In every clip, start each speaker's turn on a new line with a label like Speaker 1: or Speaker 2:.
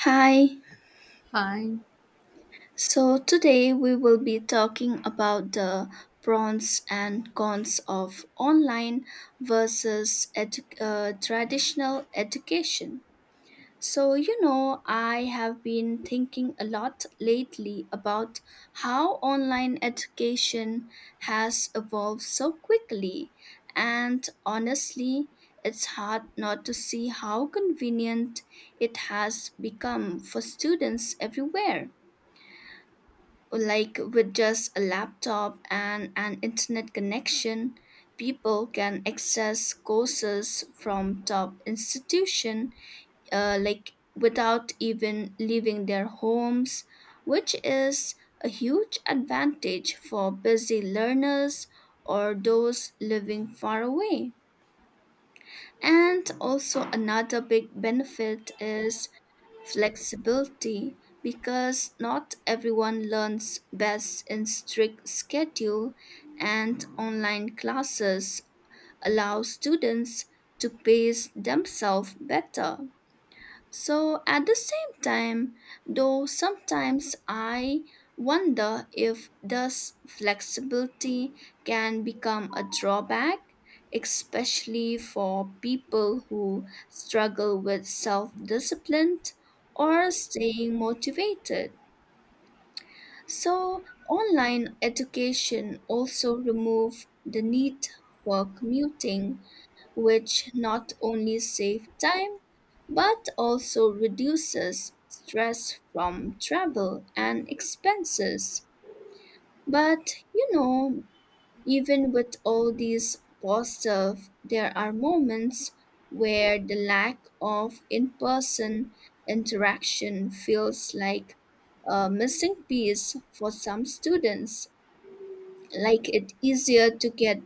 Speaker 1: Hi.
Speaker 2: Hi.
Speaker 1: So today we will be talking about the pros and cons of online versus traditional education. So, you know, I have been thinking a lot lately about how online education has evolved so quickly. And honestly, it's hard not to see how convenient it has become for students everywhere, like with just a laptop and an internet connection people can access courses from top institution like without even leaving their homes, which is a huge advantage for busy learners or those living far away. And also another big benefit is flexibility, because not everyone learns best in strict schedule and online classes allow students to pace themselves better. So at the same time, though, sometimes I wonder if this flexibility can become a drawback, especially for people who struggle with self discipline or staying motivated. So online education also remove the need for commuting, which not only saves time but also reduces stress from travel and expenses. But you know, even with all these positive, there are moments where the lack of in person interaction feels like a missing piece for some students, like it easier to get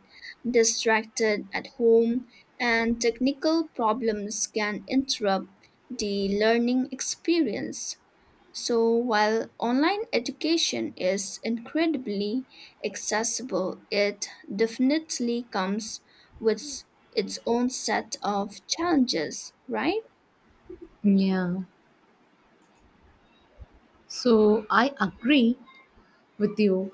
Speaker 1: distracted at home and technical problems can interrupt the learning experience. So while online education is incredibly accessible, it definitely comes with its own set of challenges, right?
Speaker 2: Yeah. So I agree with you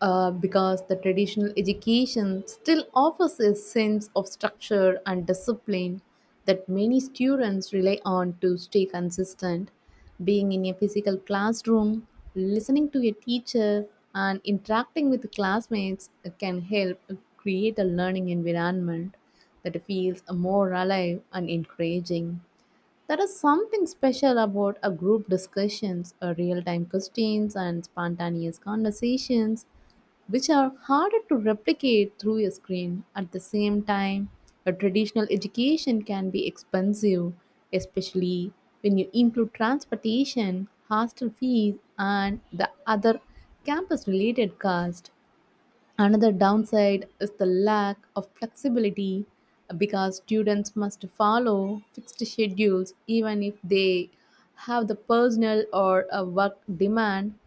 Speaker 2: because the traditional education still offers a sense of structure and discipline that many students rely on to stay consistent. Being in a physical classroom, listening to a teacher, and interacting with classmates can help create a learning environment that feels more alive and encouraging. There is something special about a group discussions, a real-time questions and spontaneous conversations which are harder to replicate through a screen. At the same time, a traditional education can be expensive, especially when you include transportation, hostel fees and the other campus related cost. Another downside is the lack of flexibility because students must follow fixed schedules even if they have the personal or a work demand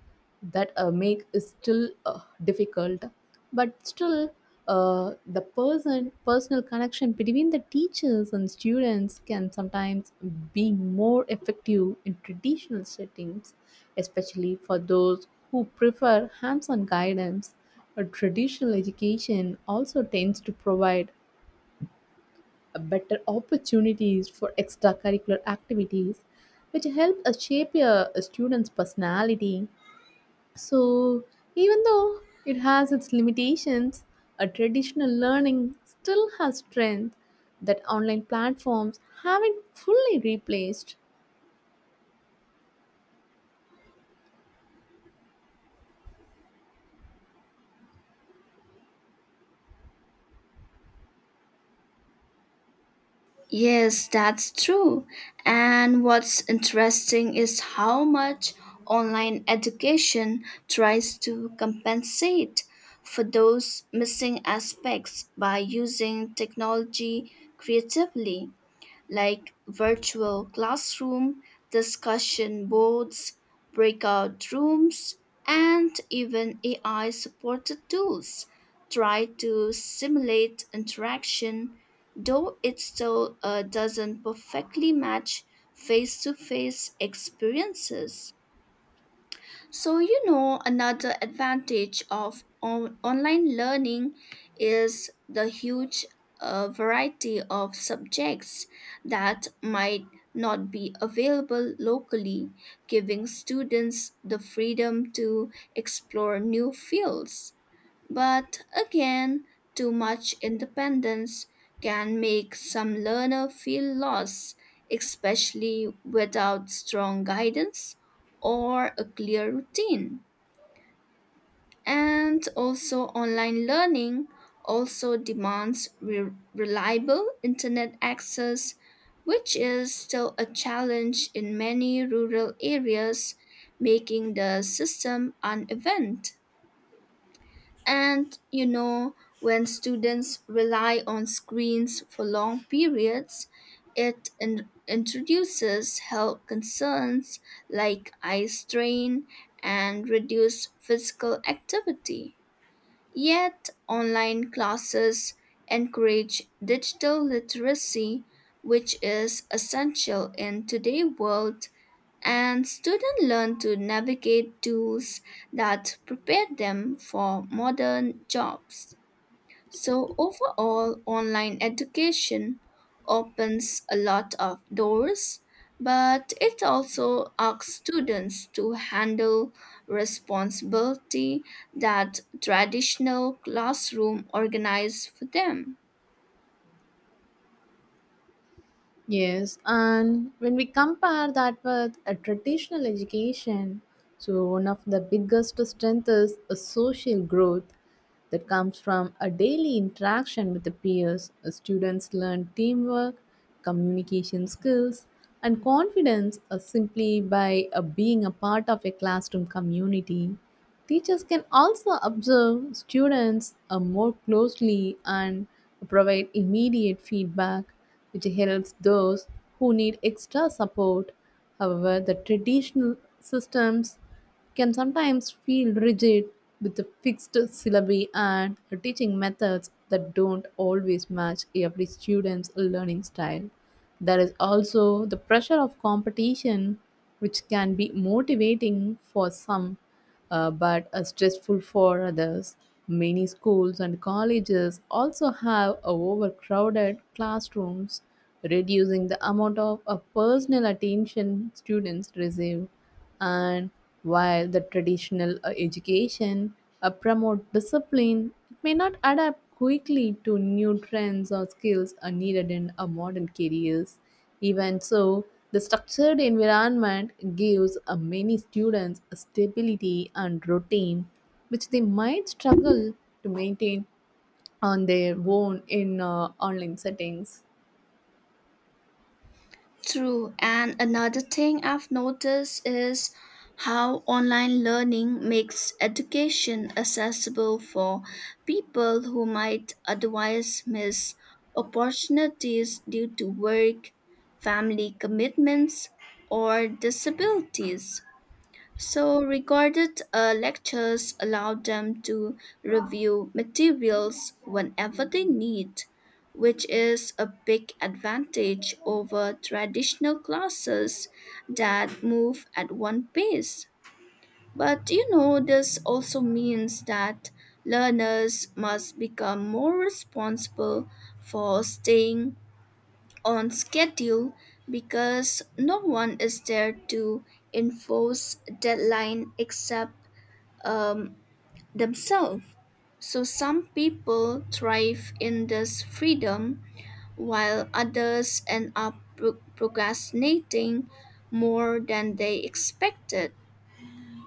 Speaker 2: that a make is still difficult. But still the personal connection between the teachers and students can sometimes be more effective in traditional settings, especially for those who prefer hands-on guidance. A traditional education also tends to provide a better opportunities for extracurricular activities which help shape a student's personality. So, even though it has its limitations, a traditional learning still has strength that online platforms haven't fully replaced.
Speaker 1: Yes, that's true. And what's interesting is how much online education tries to compensate for those missing aspects by using technology creatively, like virtual classroom, discussion boards, breakout rooms, and even AI supported tools try to simulate interaction, though it still doesn't perfectly match face to face experiences. So, you know, another advantage of online learning is the huge variety of subjects that might not be available locally, giving students the freedom to explore new fields. But again, too much independence can make some learner feel lost, especially without strong guidance or a clear routine. And also online learning also demands reliable internet access, which is still a challenge in many rural areas, making the system uneven. And you know, when students rely on screens for long periods, it introduces health concerns like eye strain and reduced physical activity. Yet, online classes encourage digital literacy, which is essential in today's world, and students learn to navigate tools that prepare them for modern jobs. So, overall, online education opens a lot of doors, but it also asks students to handle responsibility that traditional classroom organize for them.
Speaker 2: Yes, and when we compare that with a traditional education, so one of the biggest strengths is a social growth that comes from a daily interaction with the peers. Students learn teamwork, communication skills, and confidence simply by being a part of a classroom community. Teachers can also observe students more closely and provide immediate feedback which helps those who need extra support. However, the traditional systems can sometimes feel rigid with the fixed syllabi and teaching methods that don't always match every student's learning style. There is also the pressure of competition, which can be motivating for some, but are stressful for others. Many schools and colleges also have overcrowded classrooms, reducing the amount of personal attention students receive. And while the traditional education promote discipline, it may not adapt quickly to new trends or skills are needed in a modern careers. Even so, the structured environment gives many students a stability and routine which they might struggle to maintain on their own in online settings.
Speaker 1: True. And another thing I've noticed is how online learning makes education accessible for people who might otherwise miss opportunities due to work, family commitments, or disabilities. So, recorded lectures allow them to review materials whenever they need, which is a big advantage over traditional classes that move at one pace. But you know, this also means that learners must become more responsible for staying on schedule, because no one is there to enforce deadline except um, themselves. So some people thrive in this freedom while others end up procrastinating more than they expected.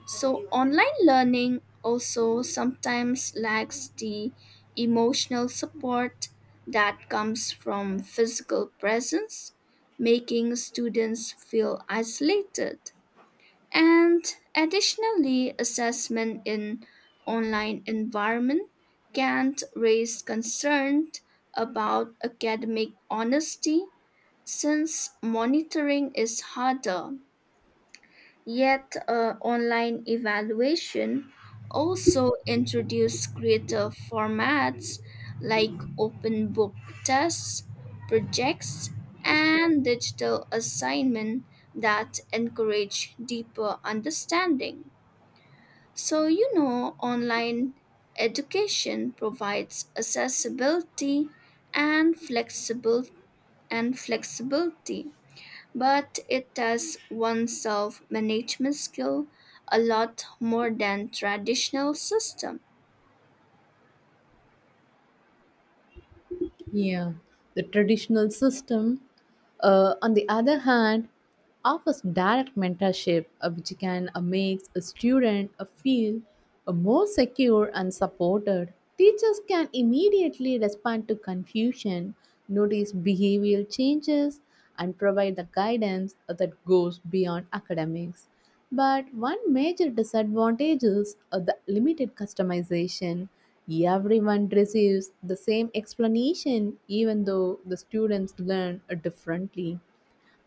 Speaker 1: So, online learning also sometimes lacks the emotional support that comes from physical presence, making students feel isolated. And additionally, assessment in online environment can raise concern about academic honesty since monitoring is harder. Yet, online evaluation also introduced creative formats like open book tests, projects, and digital assignment that encourage deeper understanding. So, you know, online education provides accessibility and flexible and flexibility, but it tests one's self management skill a lot more than traditional system.
Speaker 2: Yeah, the traditional system, on the other hand, offers direct mentorship, which can make a student feel more secure and supported. Teachers can immediately respond to confusion, notice behavioral changes, and provide the guidance that goes beyond academics. But one major disadvantage is the limited customization. Everyone receives the same explanation, even though the students learn differently.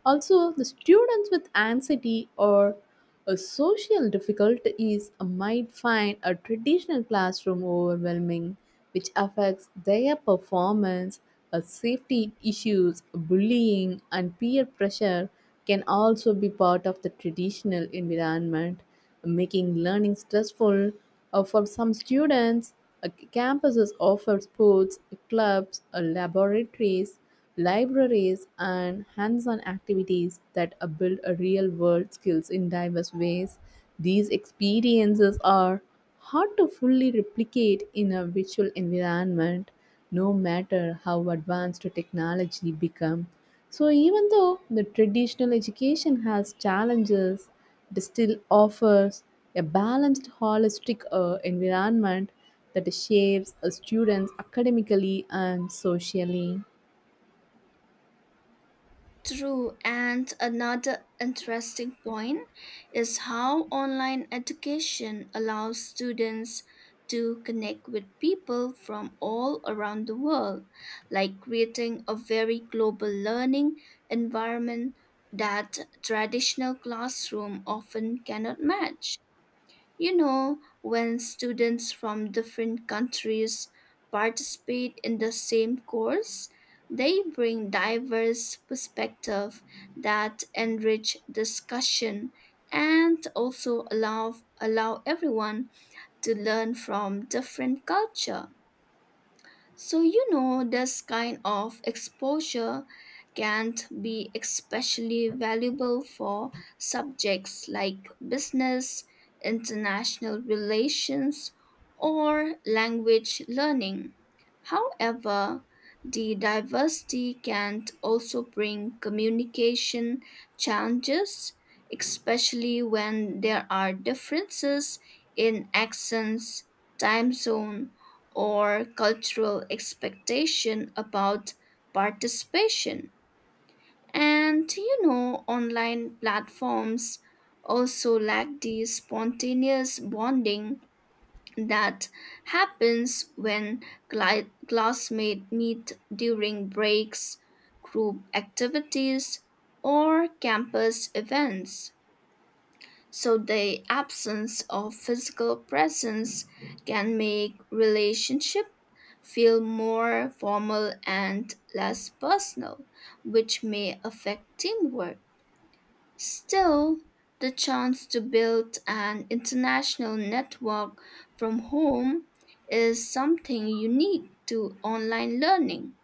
Speaker 2: Also, the students with anxiety or a social difficulties might find a traditional classroom overwhelming, which affects their performance. A safety issues, bullying, and peer pressure can also be part of the traditional environment, making learning stressful. For some students, campuses offer sports, clubs, laboratories, libraries, and hands on activities that build a real world skills in diverse ways. These experiences are hard to fully replicate in a virtual environment, no matter how advanced technology become. So even though the traditional education has challenges, it still offers a balanced, holistic environment that shapes a students academically and socially.
Speaker 1: True, and another interesting point is how online education allows students to connect with people from all around the world, like creating a very global learning environment that traditional classroom often cannot match. You know, when students from different countries participate in the same course, they bring diverse perspectives that enrich discussion and also allow everyone to learn from different culture. So, you know, this kind of exposure can be especially valuable for subjects like business, international relations, or language learning. However, the diversity can also bring communication challenges, especially when there are differences in accents, time zone, or cultural expectation about participation. And you know, online platforms also lack the spontaneous bonding that happens when classmates meet during breaks, group activities, or campus events. So the absence of physical presence can make relationship feel more formal and less personal, which may affect teamwork. Still, the chance to build an international network from home is something unique to online learning.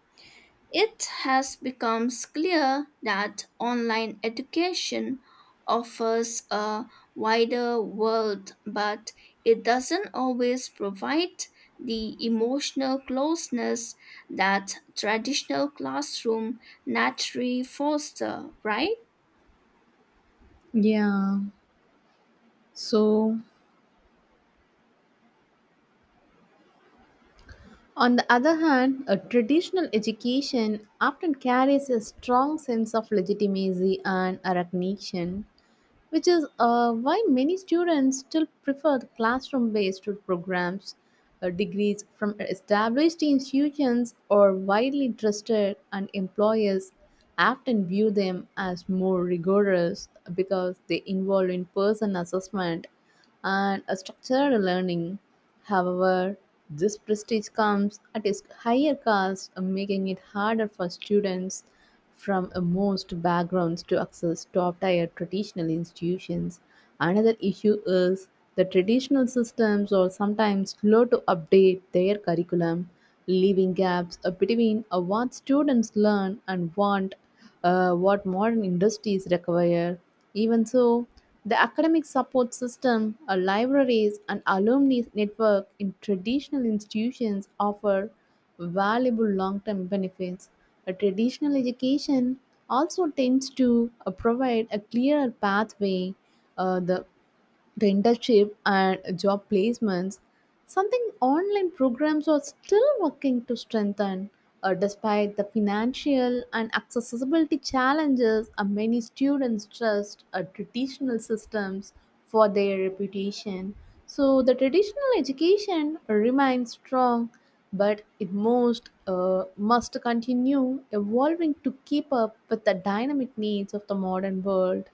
Speaker 1: It has become clear that online education offers a wider world, but it doesn't always provide the emotional closeness that traditional classroom naturally foster, right?
Speaker 2: Yeah. So, on the other hand, a traditional education often carries a strong sense of legitimacy and a recognition, which is why many students still prefer classroom based programs. Degrees from established institutions or widely trusted, and employers often view them as more rigorous because they involve in person assessment and a structured learning. However, this prestige comes at a higher cost, making it harder for students from a most backgrounds to access top tier traditional institutions. Another issue is the traditional systems are sometimes slow to update their curriculum, leaving gaps between what students learn and want, what modern industries require. Even so, the academic support system, libraries, and alumni network in traditional institutions offer valuable long term benefits. A traditional education also tends to provide a clearer pathway. Uh, the the internship and job placements, something online programs are still working to strengthen. Despite the financial and accessibility challenges, many students trust traditional systems for their reputation. So, the traditional education remains strong, but it most must continue evolving to keep up with the dynamic needs of the modern world.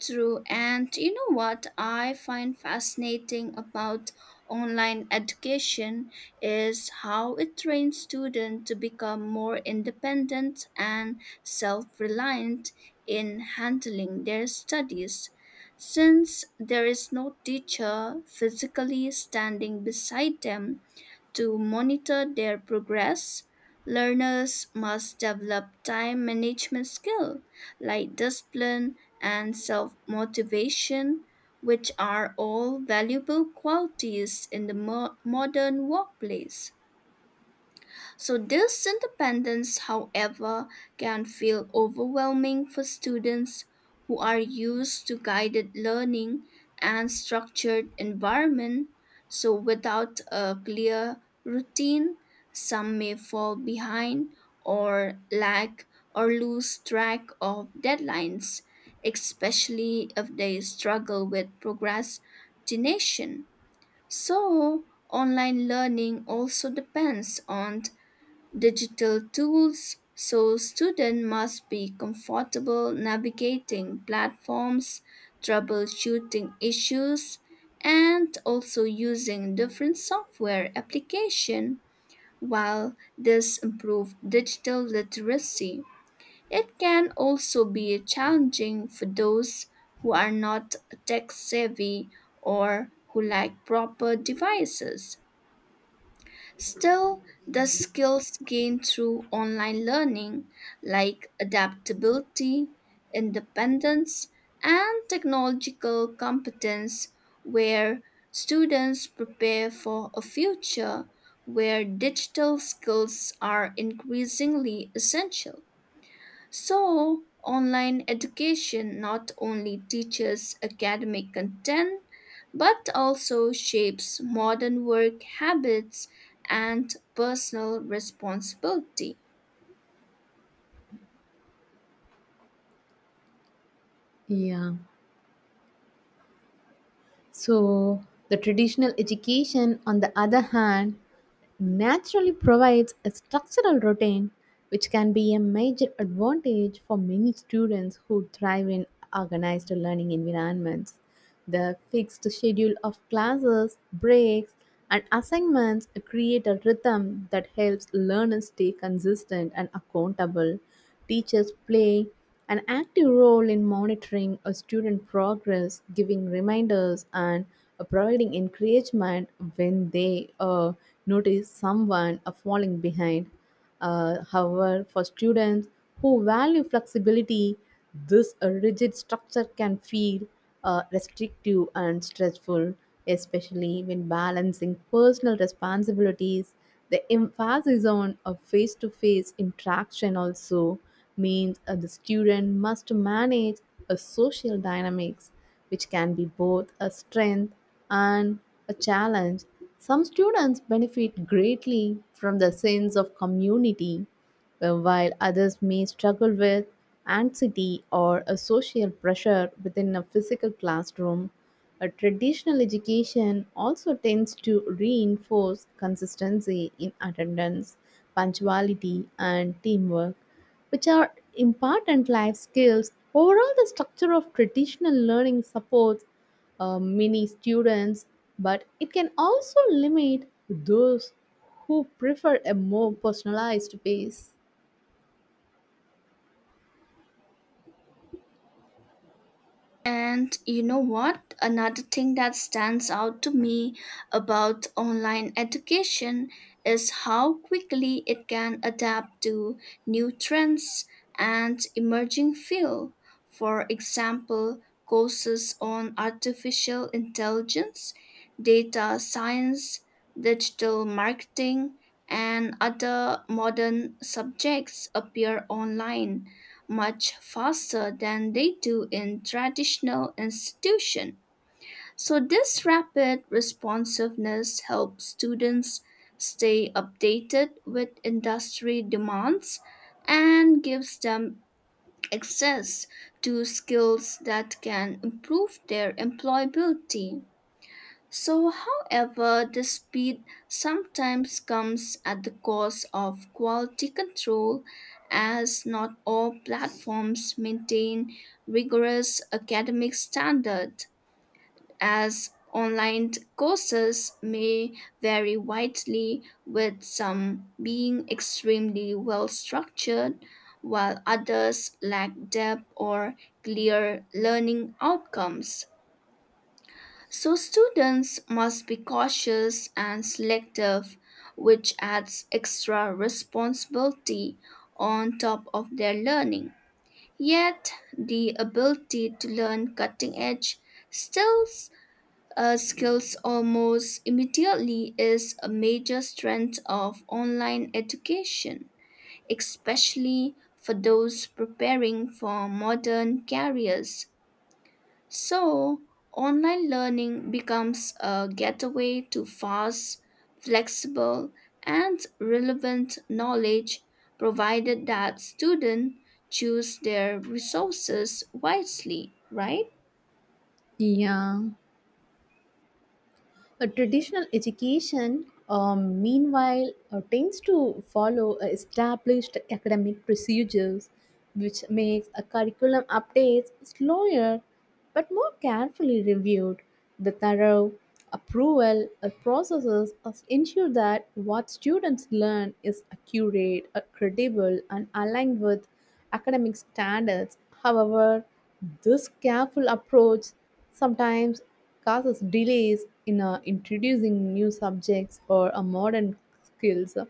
Speaker 1: True, and you know what I find fascinating about online education is how it trains students to become more independent and self reliant in handling their studies. Since there is no teacher physically standing beside them to monitor their progress, learners must develop time management skills like discipline and self motivation, which are all valuable qualities in the modern workplace. So, this independence, however, can feel overwhelming for students who are used to guided learning and structured environment. So, without a clear routine, some may fall behind or lack or lose track of deadlines, especially if they struggle with procrastination. So, online learning also depends on digital tools, so students must be comfortable navigating platforms, troubleshooting issues, and also using different software application. While this improves digital literacy, it can also be challenging for those who are not tech savvy or who lack proper devices. Still, the skills gained through online learning, like adaptability, independence, and technological competence, where students prepare for a future where digital skills are increasingly essential. So, online education not only teaches academic content but also shapes modern work habits and personal responsibility.
Speaker 2: Yeah. So, the traditional education, on the other hand, naturally provides a structural routine which can be a major advantage for many students who thrive in organized learning environments. The fixed schedule of classes, breaks, and assignments create a rhythm that helps learners stay consistent and accountable. Teachers play an active role in monitoring a student progress, giving reminders and providing encouragement when they notice someone falling behind. However, for students who value flexibility, this rigid structure can feel restrictive and stressful, especially when balancing personal responsibilities. The emphasis on a face to face interaction also means the student must manage a social dynamics, which can be both a strength and a challenge. Some students benefit greatly from the sense of community while others may struggle with anxiety or a social pressure within a physical classroom. A traditional education also tends to reinforce consistency in attendance, punctuality, and teamwork, which are important life skills. Overall, the structure of traditional learning supports many students, but it can also limit those who prefer a more personalized pace.
Speaker 1: And you know what? Another thing that stands out to me about online education is how quickly it can adapt to new trends and emerging fields. For example, courses on artificial intelligence, data science, digital marketing, and other modern subjects appear online much faster than they do in traditional institutions. So, this rapid responsiveness helps students stay updated with industry demands and gives them access to skills that can improve their employability. So, however, the speed sometimes comes at the cost of quality control, as not all platforms maintain rigorous academic standards, as online courses may vary widely, with some being extremely well structured, while others lack depth or clear learning outcomes. So students must be cautious and selective, which adds extra responsibility on top of their learning. Yet, the ability to learn cutting edge still skills almost immediately is a major strength of online education, especially for those preparing for modern careers. So, online learning becomes a gateway to fast, flexible, and relevant knowledge, provided that students choose their resources wisely, right?
Speaker 2: Yeah. A traditional education, meanwhile, tends to follow established academic procedures, which makes a curriculum updates slower but more carefully reviewed. The thorough approval ensure that what students learn is accurate, credible, and aligned with academic standards. However, this careful approach sometimes causes delays in introducing new subjects or modern skills,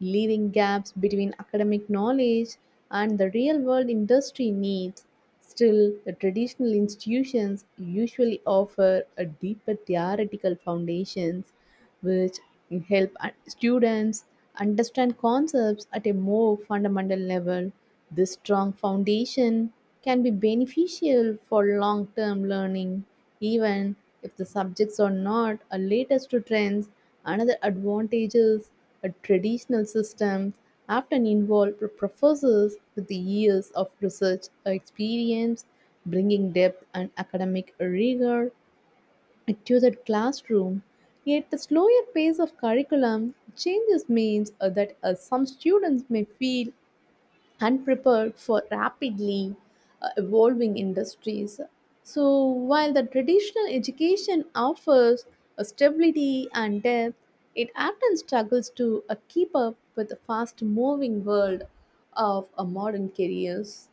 Speaker 2: leaving gaps between academic knowledge and the real world industry needs. Still, the traditional institutions usually offer a deeper theoretical foundations which help students understand concepts at a more fundamental level. This strong foundation can be beneficial for long term learning, even if the subjects are not a latest to trends. Another advantage is a traditional system often involve professors with the years of research experience, bringing depth and academic rigor to the classroom. Yet the slower pace of curriculum changes means that some students may feel unprepared for rapidly evolving industries. So while the traditional education offers a stability and depth, it often struggles to keep up with the fast-moving world of modern careers.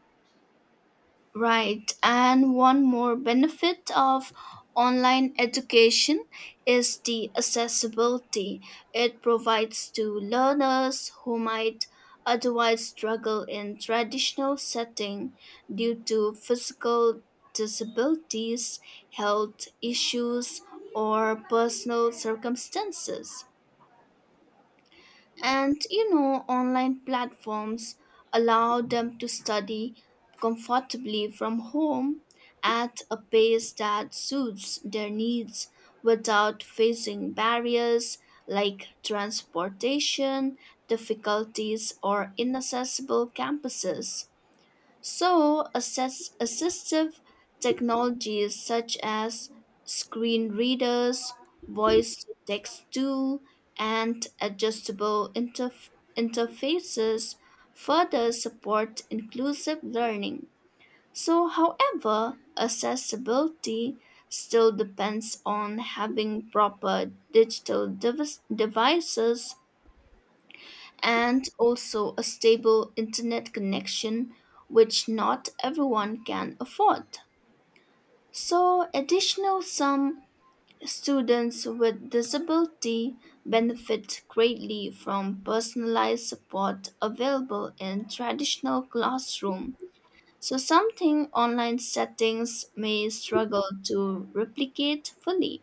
Speaker 1: Right. And one more benefit of online education is the accessibility it provides to learners who might otherwise struggle in traditional setting due to physical disabilities, health issues, or personal circumstances. And you know, online platforms allow them to study comfortably from home at a pace that suits their needs without facing barriers like transportation, difficulties, or inaccessible campuses. So, assistive technologies such as screen readers, voice to text tool, and adjustable interfaces further support inclusive learning. So, however, accessibility still depends on having proper digital devices and also a stable internet connection, which not everyone can afford. So, additional some students with disability benefit greatly from personalized support available in traditional classroom. So, something online settings may struggle to replicate fully.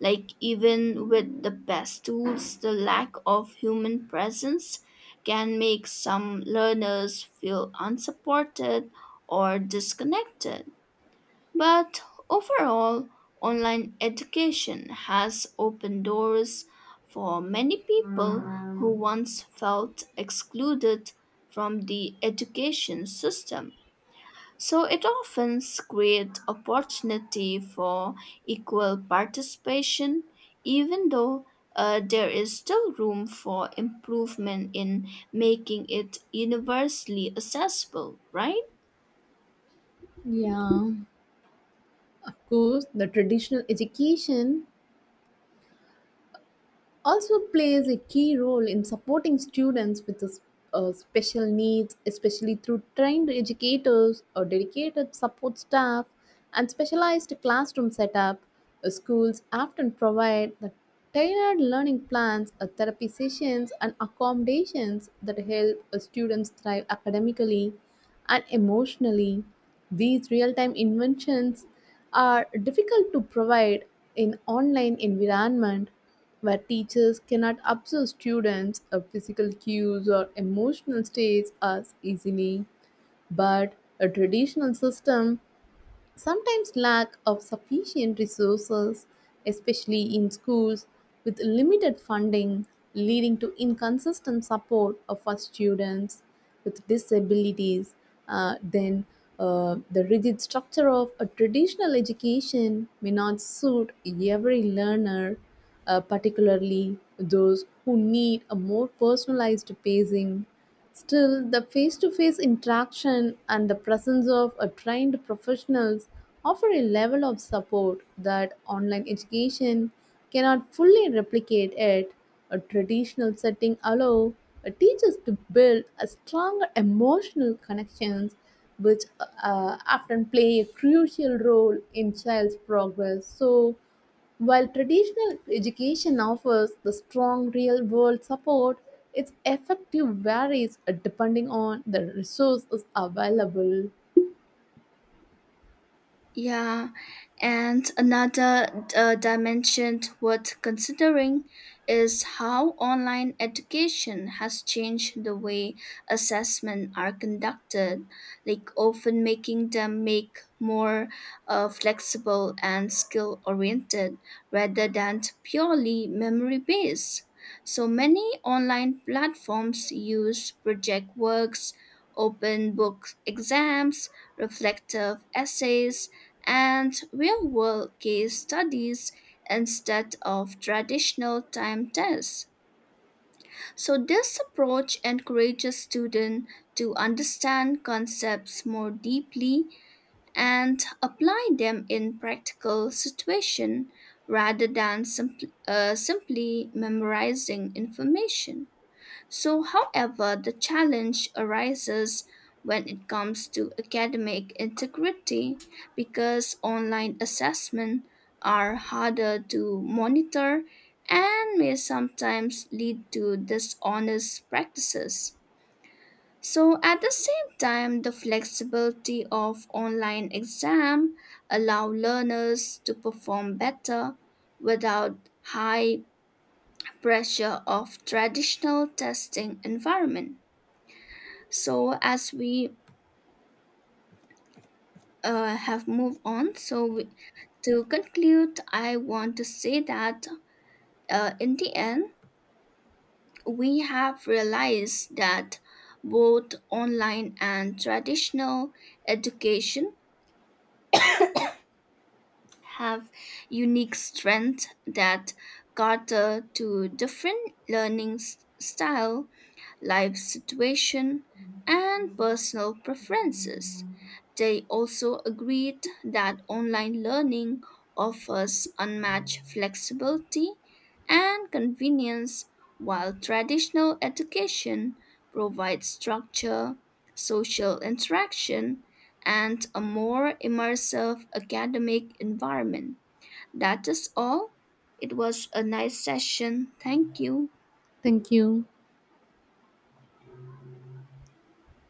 Speaker 1: Like, even with the best tools, the lack of human presence can make some learners feel unsupported or disconnected. But overall, online education has opened doors for many people who once felt excluded from the education system. So it often creates opportunity for equal participation, even though there is still room for improvement in making it universally accessible, right?
Speaker 2: Yeah, of course, the traditional education also plays a key role in supporting students with special needs, especially through trained educators or dedicated support staff and specialized classroom setup. Schools often provide the tailored learning plans, therapy sessions, and accommodations that help students thrive academically and emotionally. These real-time inventions are difficult to provide in online environment where teachers cannot observe students of physical cues or emotional states as easily, but a traditional system sometimes lack of sufficient resources, especially in schools with limited funding, leading to inconsistent support of our students with disabilities. Then the rigid structure of a traditional education may not suit every learner, particularly those who need a more personalized pacing. Still, the face to face interaction and the presence of a trained professionals offer a level of support that online education cannot fully replicate it. A traditional setting allows teachers to build a stronger emotional connections which often play a crucial role in child's progress. So, while traditional education offers the strong real world support, its effective varies depending on the resources available.
Speaker 1: Yeah, and another dimension worth considering is how online education has changed the way assessment are conducted, like often making them make more flexible and skill oriented rather than purely memory based. So many online platforms use project works, open book exams, reflective essays, and real world case studies instead of traditional time tests. So, this approach encourages students to understand concepts more deeply and apply them in practical situations rather than simply memorizing information. So, however, the challenge arises when it comes to academic integrity, because online assessments are harder to monitor and may sometimes lead to dishonest practices. So at the same time, the flexibility of online exam allow learners to perform better without high pressure of traditional testing environment. So as we have moved on, so we, to conclude, I want to say that in the end, we have realized that both online and traditional education have unique strengths that cater to different learning style, life situation, and personal preferences. They also agreed that online learning offers unmatched flexibility and convenience, while traditional education provides structure, social interaction, and a more immersive academic environment. That is all. It was a nice session. Thank you.
Speaker 2: Thank you.